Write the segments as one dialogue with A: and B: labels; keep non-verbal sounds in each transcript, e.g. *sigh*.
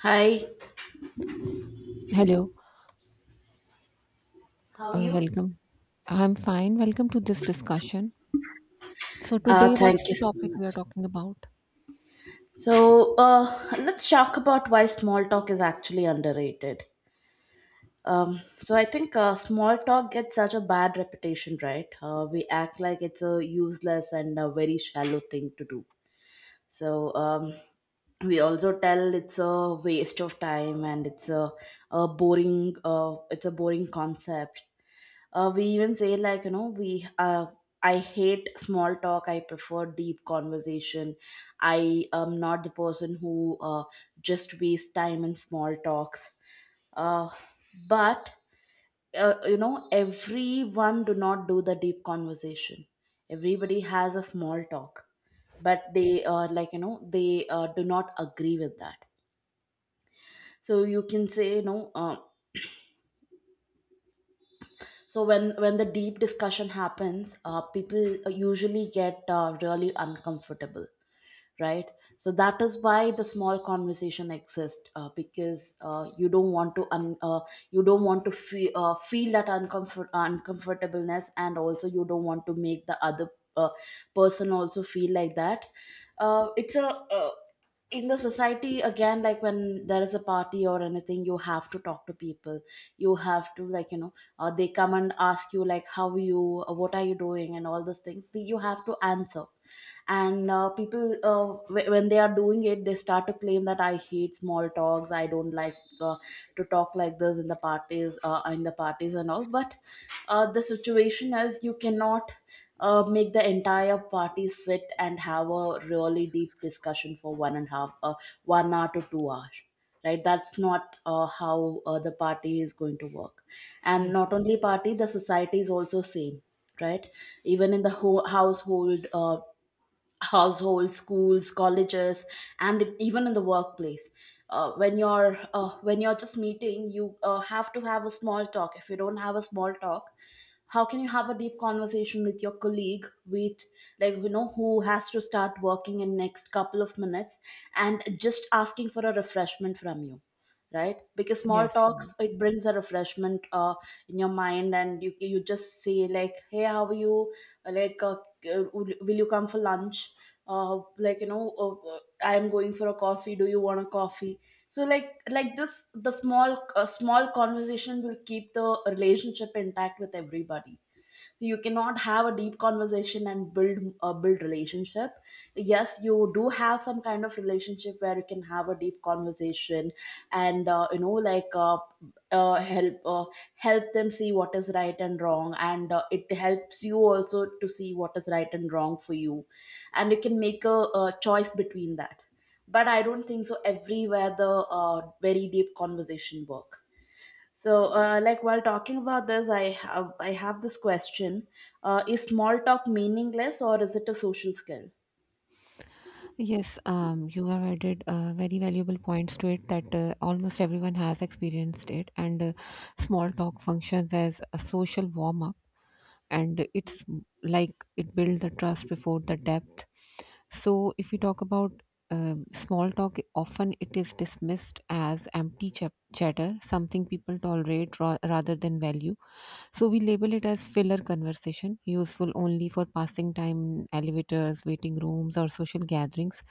A: Hi.
B: Hello,
A: How are you?
B: welcome. I'm fine. Welcome to this discussion. So today,
A: Thank
B: what's
A: you
B: the
A: so
B: topic we are
A: much.
B: talking about?
A: So let's talk about why small talk is actually underrated. So I think small talk gets such a bad reputation, right? We act like it's a useless and a very shallow thing to do. So we also tell it's a waste of time, and it's a boring, it's a boring concept. We even say, like, we, I hate small talk, I prefer deep conversation. I am not the person who just waste time in small talks. uh, but you know, everyone do not do the deep conversation. Everybody has a small talk, but they, like, they do not agree with that. So you can say, so when the deep discussion happens, people usually get really uncomfortable, right? So that is why the small conversation exists, because you don't want to you don't want to feel that uncomfortableness, and also you don't want to make the other uh, person also feel like that. It's a In the society, again, like when there is a party or anything, you have to talk to people. You have to, like, they come and ask you like, how are you, what are you doing, and all those things, so you have to answer. And people, when they are doing it, they start to claim that, I hate small talks, I don't like uh, to talk like this in the parties, and all. But the situation is you cannot make the entire party sit and have a really deep discussion for one and a half 1 hour to 2 hours, right? That's not how the party is going to work. And not
B: Yes,
A: only party, the society is also same, right? Even in the whole households, schools, colleges, and even in the workplace. When you're just meeting, you have to have a small talk. If you don't have a small talk, how can you have a deep conversation with your colleague, with, like, who has to start working in next couple of minutes, and just asking for a refreshment from you, right? Because small
B: yes, you're right.
A: talks, it brings a refreshment in your mind, and you just say like, hey, how are you, Uh, like uh, will you come for lunch, uh, like you know uh, uh, I am going for a coffee, do you want a coffee. So, like this, the small conversation will keep the relationship intact with everybody. You cannot have a deep conversation and build relationship. Yes, you do have some kind of relationship where you can have a deep conversation, and you know, like, uh, help uh, help them see what is right and wrong, and it helps you also to see what is right and wrong for you, and you can make a choice between that. But I don't think so everywhere the very deep conversation work. So, like, while talking about this, I have this question: is small talk meaningless, or is it a social skill?
B: Yes. You have added very valuable points to it that almost everyone has experienced it, and small talk functions as a social warm up, and like it builds the trust before the depth. So, if we talk about small talk, often it is dismissed as empty chatter, something people tolerate rather than value. So, we label it as filler conversation, useful only for passing time in elevators, waiting rooms, or social gatherings,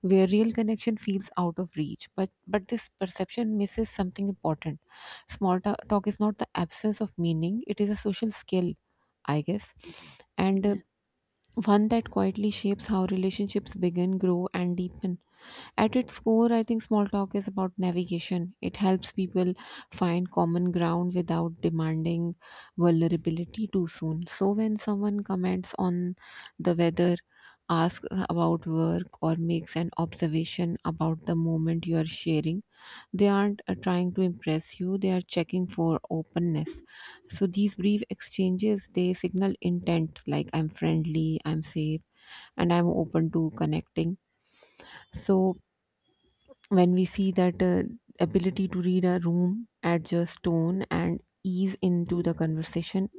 B: where real connection feels out of reach. But this perception misses something important. Small talk is not the absence of meaning, it is a social skill, I guess. And
A: Yeah.
B: one that quietly shapes how relationships begin, grow, and deepen. At its core, I think small talk is about navigation. It helps people find common ground without demanding vulnerability too soon. So, when someone comments on the weather, asks about work, or makes an observation about the moment you are sharing, they aren't trying to impress you, they are checking for openness. So these brief exchanges, they signal intent, like I'm friendly, I'm safe, and I'm open to connecting. So when we see that ability to read a room, adjust tone, and ease into the conversation,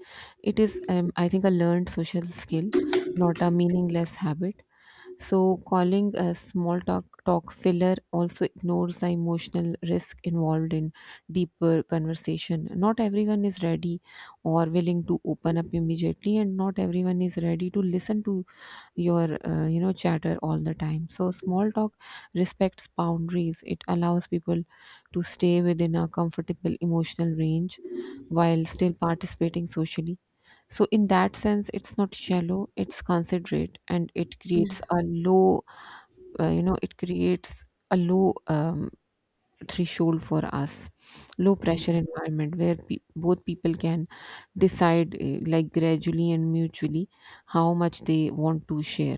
B: it is, I think, a learned social skill, not a meaningless habit. So calling a small talk filler also ignores the emotional risk involved in deeper conversation. Not everyone is ready or willing to open up immediately, and not everyone is ready to listen to your chatter all the time. So small talk respects boundaries, it allows people to stay within a comfortable emotional range while still participating socially. So in that sense, it's not shallow, it's considerate, and it creates a low — it creates a low threshold for us, low pressure environment where both people can decide like gradually and mutually how much they want to share.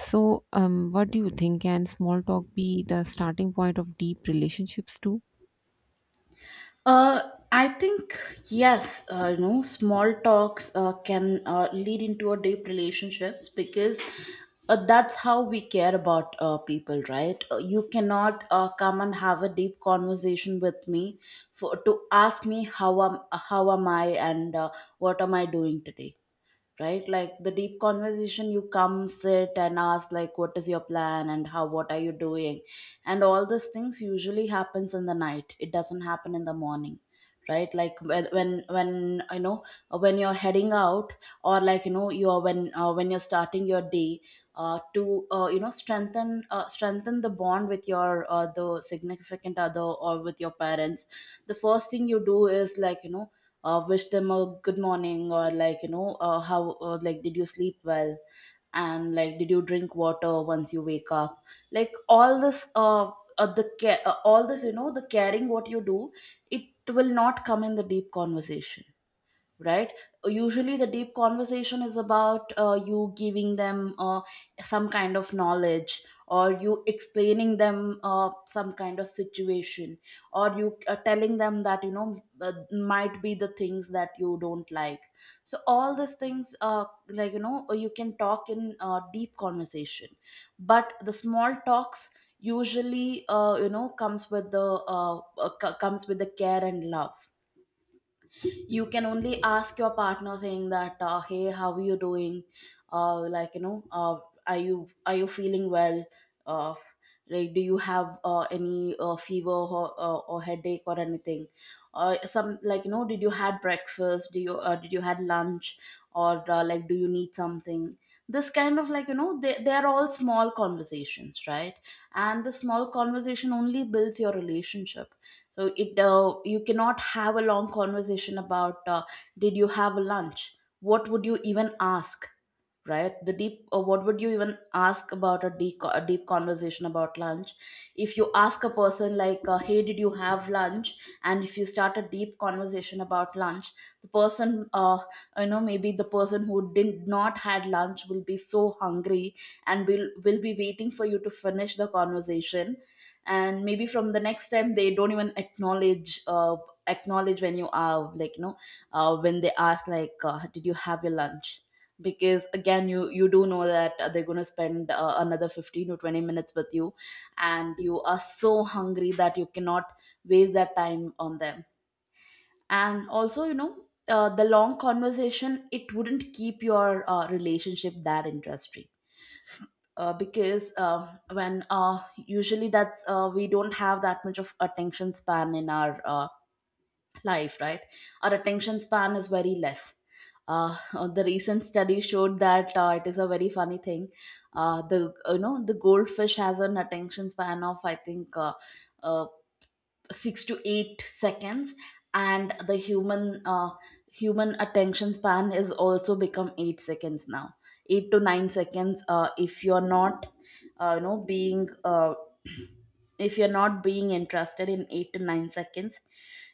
B: So, what do you think? Can small talk be the starting point of deep relationships too?
A: Uh, I think yes. You know, small talks can lead into a deep relationships, because that's how we care about people, right? You cannot come and have a deep conversation with me for to ask me how am I and what am I doing today, right? Like, the deep conversation, you come sit and ask like, what is your plan and how, what are you doing, and all those things, usually happens in the night, it doesn't happen in the morning, right? Like, when you know, when you're heading out, or, like, you know, you're when you're starting your day, to you know, strengthen the bond with your the significant other or with your parents. The first thing you do is, like, wish them a good morning, or, like, how, like, did you sleep well, and, like, did you drink water once you wake up. Like, all this, the care, all this, you know, the caring what you do, it will not come in the deep conversation, right? Usually the deep conversation is about you giving them some kind of knowledge, or you explaining them some kind of situation, or you telling them that, you know, might be the things that you don't like. So all these things, like, you know, you can talk in deep conversation. But the small talks usually, you know, comes with the care and love. You can only ask your partner saying that, hey, how are you doing, like, are you feeling well, uh, like, do you have any fever or headache or anything, or some, like, you know, did you had breakfast, do you did you had lunch, or, like, do you need something. This kind of, like, you know, they're all small conversations, right? And the small conversation only builds your relationship. So it you cannot have a long conversation about, did you have a lunch, what would you even ask, right? the deep What would you even ask about a deep conversation about lunch? If you ask a person like, hey, did you have lunch, and if you start a deep conversation about lunch, the person you know, maybe the person who did not had lunch will be so hungry, and will be waiting for you to finish the conversation. And maybe from the next time they don't even acknowledge when you are, like, you know, when they ask like, did you have your lunch, because again, you do know that they're going to spend another 15 to 20 minutes with you, and you are so hungry that you cannot waste that time on them. And also, you know, the long conversation, it wouldn't keep your relationship that interesting, because when usually that's we don't have that much of attention span in our life, right? Our attention span is very less. Uh, *laughs* the recent study showed that it is a very funny thing. The you know the goldfish has an attention span of, I think, uh, 6 to 8 seconds, and the human attention span is also become 8 seconds now, 8 to 9 seconds. If you're not you know being *clears throat* If you're not being interested in 8 to 9 seconds,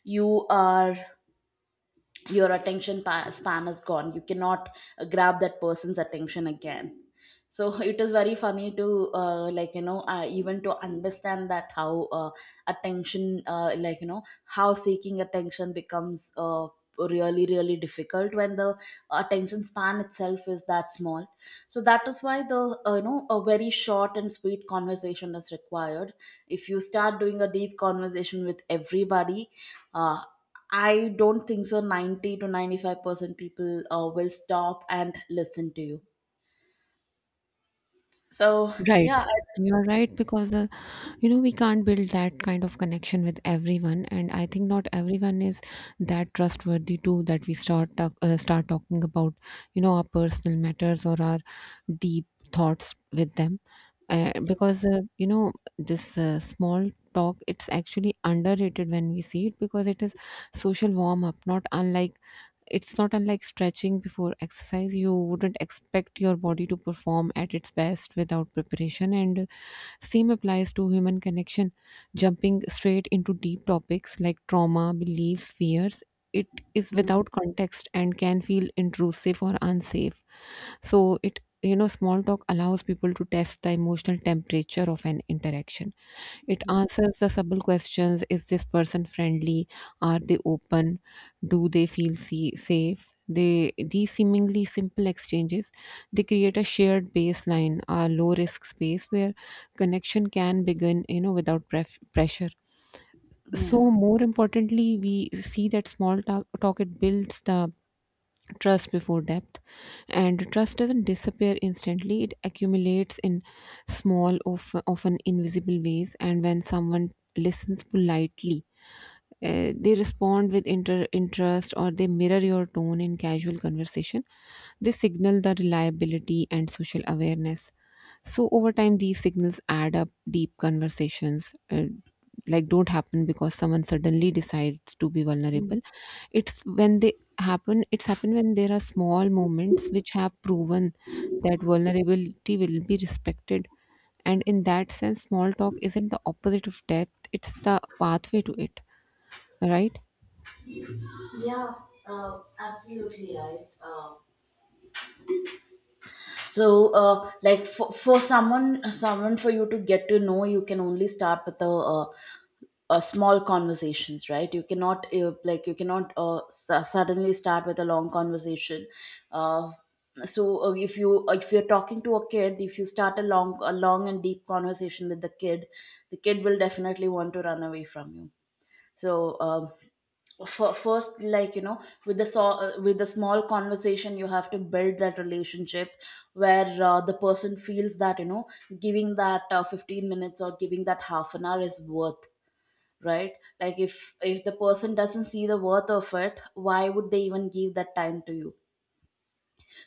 A: you are your attention span is gone, you cannot grab that person's attention again. So *laughs* it is very funny to, like, even to understand that how attention, like, how seeking attention becomes really really difficult when the attention span itself is that small. So that is why the, you know, a very short and sweet conversation is required. If you start doing a deep conversation with everybody, uh, I don't think so. 90 to 95% people will stop and listen to you. So,
B: Right.
A: yeah,
B: You're right, because the, you know, we can't build that kind of connection with everyone, and I think not everyone is that trustworthy too, that we start talking about, you know, our personal matters or our deep thoughts with them, because you know, this small talk, it's actually underrated when we see it, because it is social warm up, not unlike it's not unlike stretching before exercise. You wouldn't expect your body to perform at its best without preparation, and same applies to human connection. Jumping straight into deep topics like trauma, beliefs, fears, it is
A: yeah,
B: without context and can feel intrusive or unsafe. So it, you know, small talk allows people to test the emotional temperature of an interaction. It
A: yeah,
B: answers the subtle questions: Is this person friendly? Are they open? Do they feel safe? These seemingly simple exchanges, they create a shared baseline, a low risk space where connection can begin, you know, without pressure. So
A: yeah.
B: more importantly, we see that small talk, it builds the trust before depth. And trust doesn't disappear instantly, it accumulates in small of often invisible ways. And when someone listens politely, they respond with interest, or they mirror your tone in casual conversation, they signal the reliability and social awareness. So over time these signals add up. Deep conversations like don't happen because someone suddenly decides to be vulnerable. It's when they happen, it's happened when there are small moments which have proven that vulnerability will be respected. And in that sense, small talk isn't the opposite of death, it's the pathway to it, right?
A: Yeah, absolutely right. So, like, for someone for you to get to know, you can only start with a small conversations, right? You cannot, like, you cannot suddenly start with a long conversation. uh, so, if you're talking to a kid, if you start a long and deep conversation with the kid, the kid will definitely want to run away from you. So, first, like, with with the small conversation you have to build that relationship, where the person feels that, you know, giving that 15 minutes or giving that half an hour is worth, right? Like, if the person doesn't see the worth of it, why would they even give that time to you?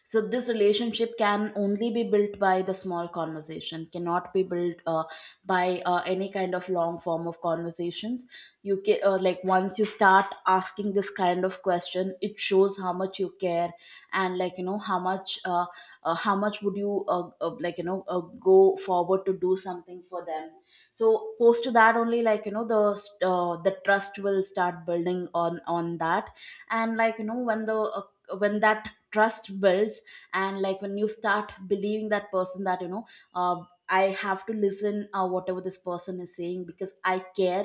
A: So this relationship can only be built by the small conversation, cannot be built by any kind of long form of conversations. You can, like, once you start asking this kind of question, it shows how much you care, and, like, you know, how much would you, like, go forward to do something for them. So post to that only, like, you know, the trust will start building on that. And, like, you know, when that trust builds, and, like, when you start believing that person, that, you know, uh, I have to listen, whatever this person is saying, because I care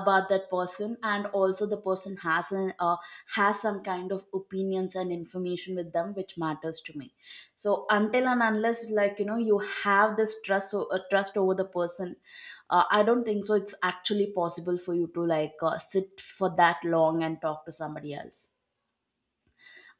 A: about that person, and also the person has an has some kind of opinions and information with them which matters to me. So until and unless, like, you know, you have this trust over the person, I don't think so it's actually possible for you to, like, sit for that long and talk to somebody else,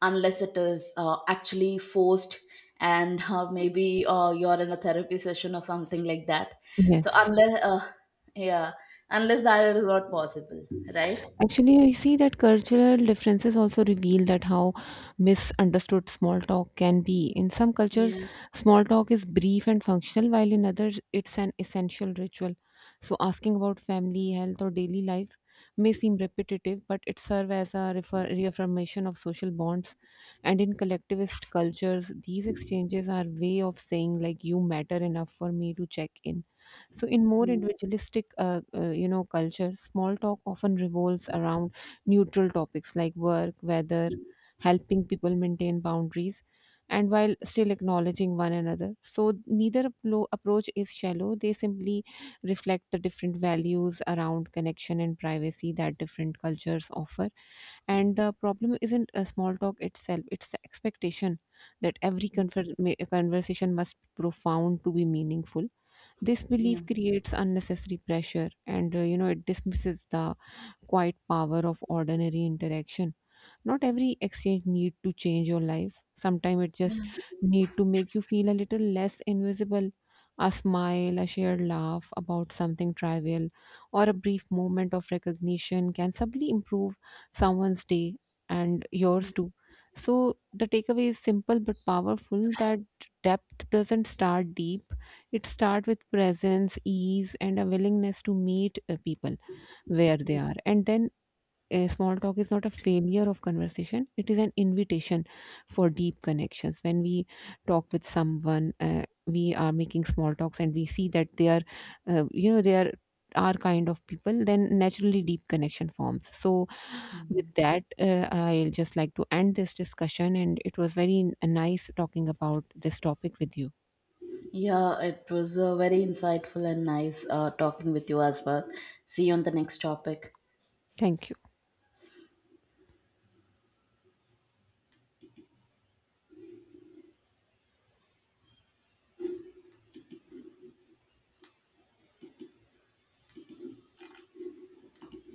A: unless it is actually forced. And maybe you're in a therapy session or something like that. So
B: Yes.
A: unless, yeah, unless that is not possible, right?
B: Actually, I see that cultural differences also reveal that how misunderstood small talk can be. In some cultures,
A: Yeah,
B: small talk is brief and functional, while in others, it's an essential ritual. So, asking about family, health, or daily life may seem repetitive, but it serves as a reaffirmation of social bonds. And in collectivist cultures, these exchanges are way of saying like you matter enough for me to check in. So, in more
A: yeah,
B: individualistic, culture, small talk often revolves around neutral topics like work, weather, helping people maintain boundaries, and while still acknowledging one another. So, neither approach is shallow; they simply reflect the different values around connection and privacy that different cultures offer. And the problem isn't a small talk itself; it's the expectation that every conversation must be profound to be meaningful. This
A: yeah,
B: belief creates unnecessary pressure, and you know, it dismisses the quiet power of ordinary interaction. Not every exchange need to change your life. Sometimes it just
A: yeah.
B: need to make you feel a little less invisible. A smile, a shared laugh about something trivial, or a brief moment of recognition can subtly improve someone's day, and yours too. So the takeaway is simple but powerful, that depth doesn't start deep. It starts with presence, ease, and a willingness to meet people where they are. And then a small talk is not a failure of conversation, it is an invitation for deep connections. When we talk with someone, we are making small talks, and we see that they are they are our kind of people, then naturally deep connection forms. So with that, I'll just like to end this discussion, and it was very nice talking about this topic with you.
A: Yeah, it was very insightful and nice talking with you as well. See you on the next topic.
B: Thank you.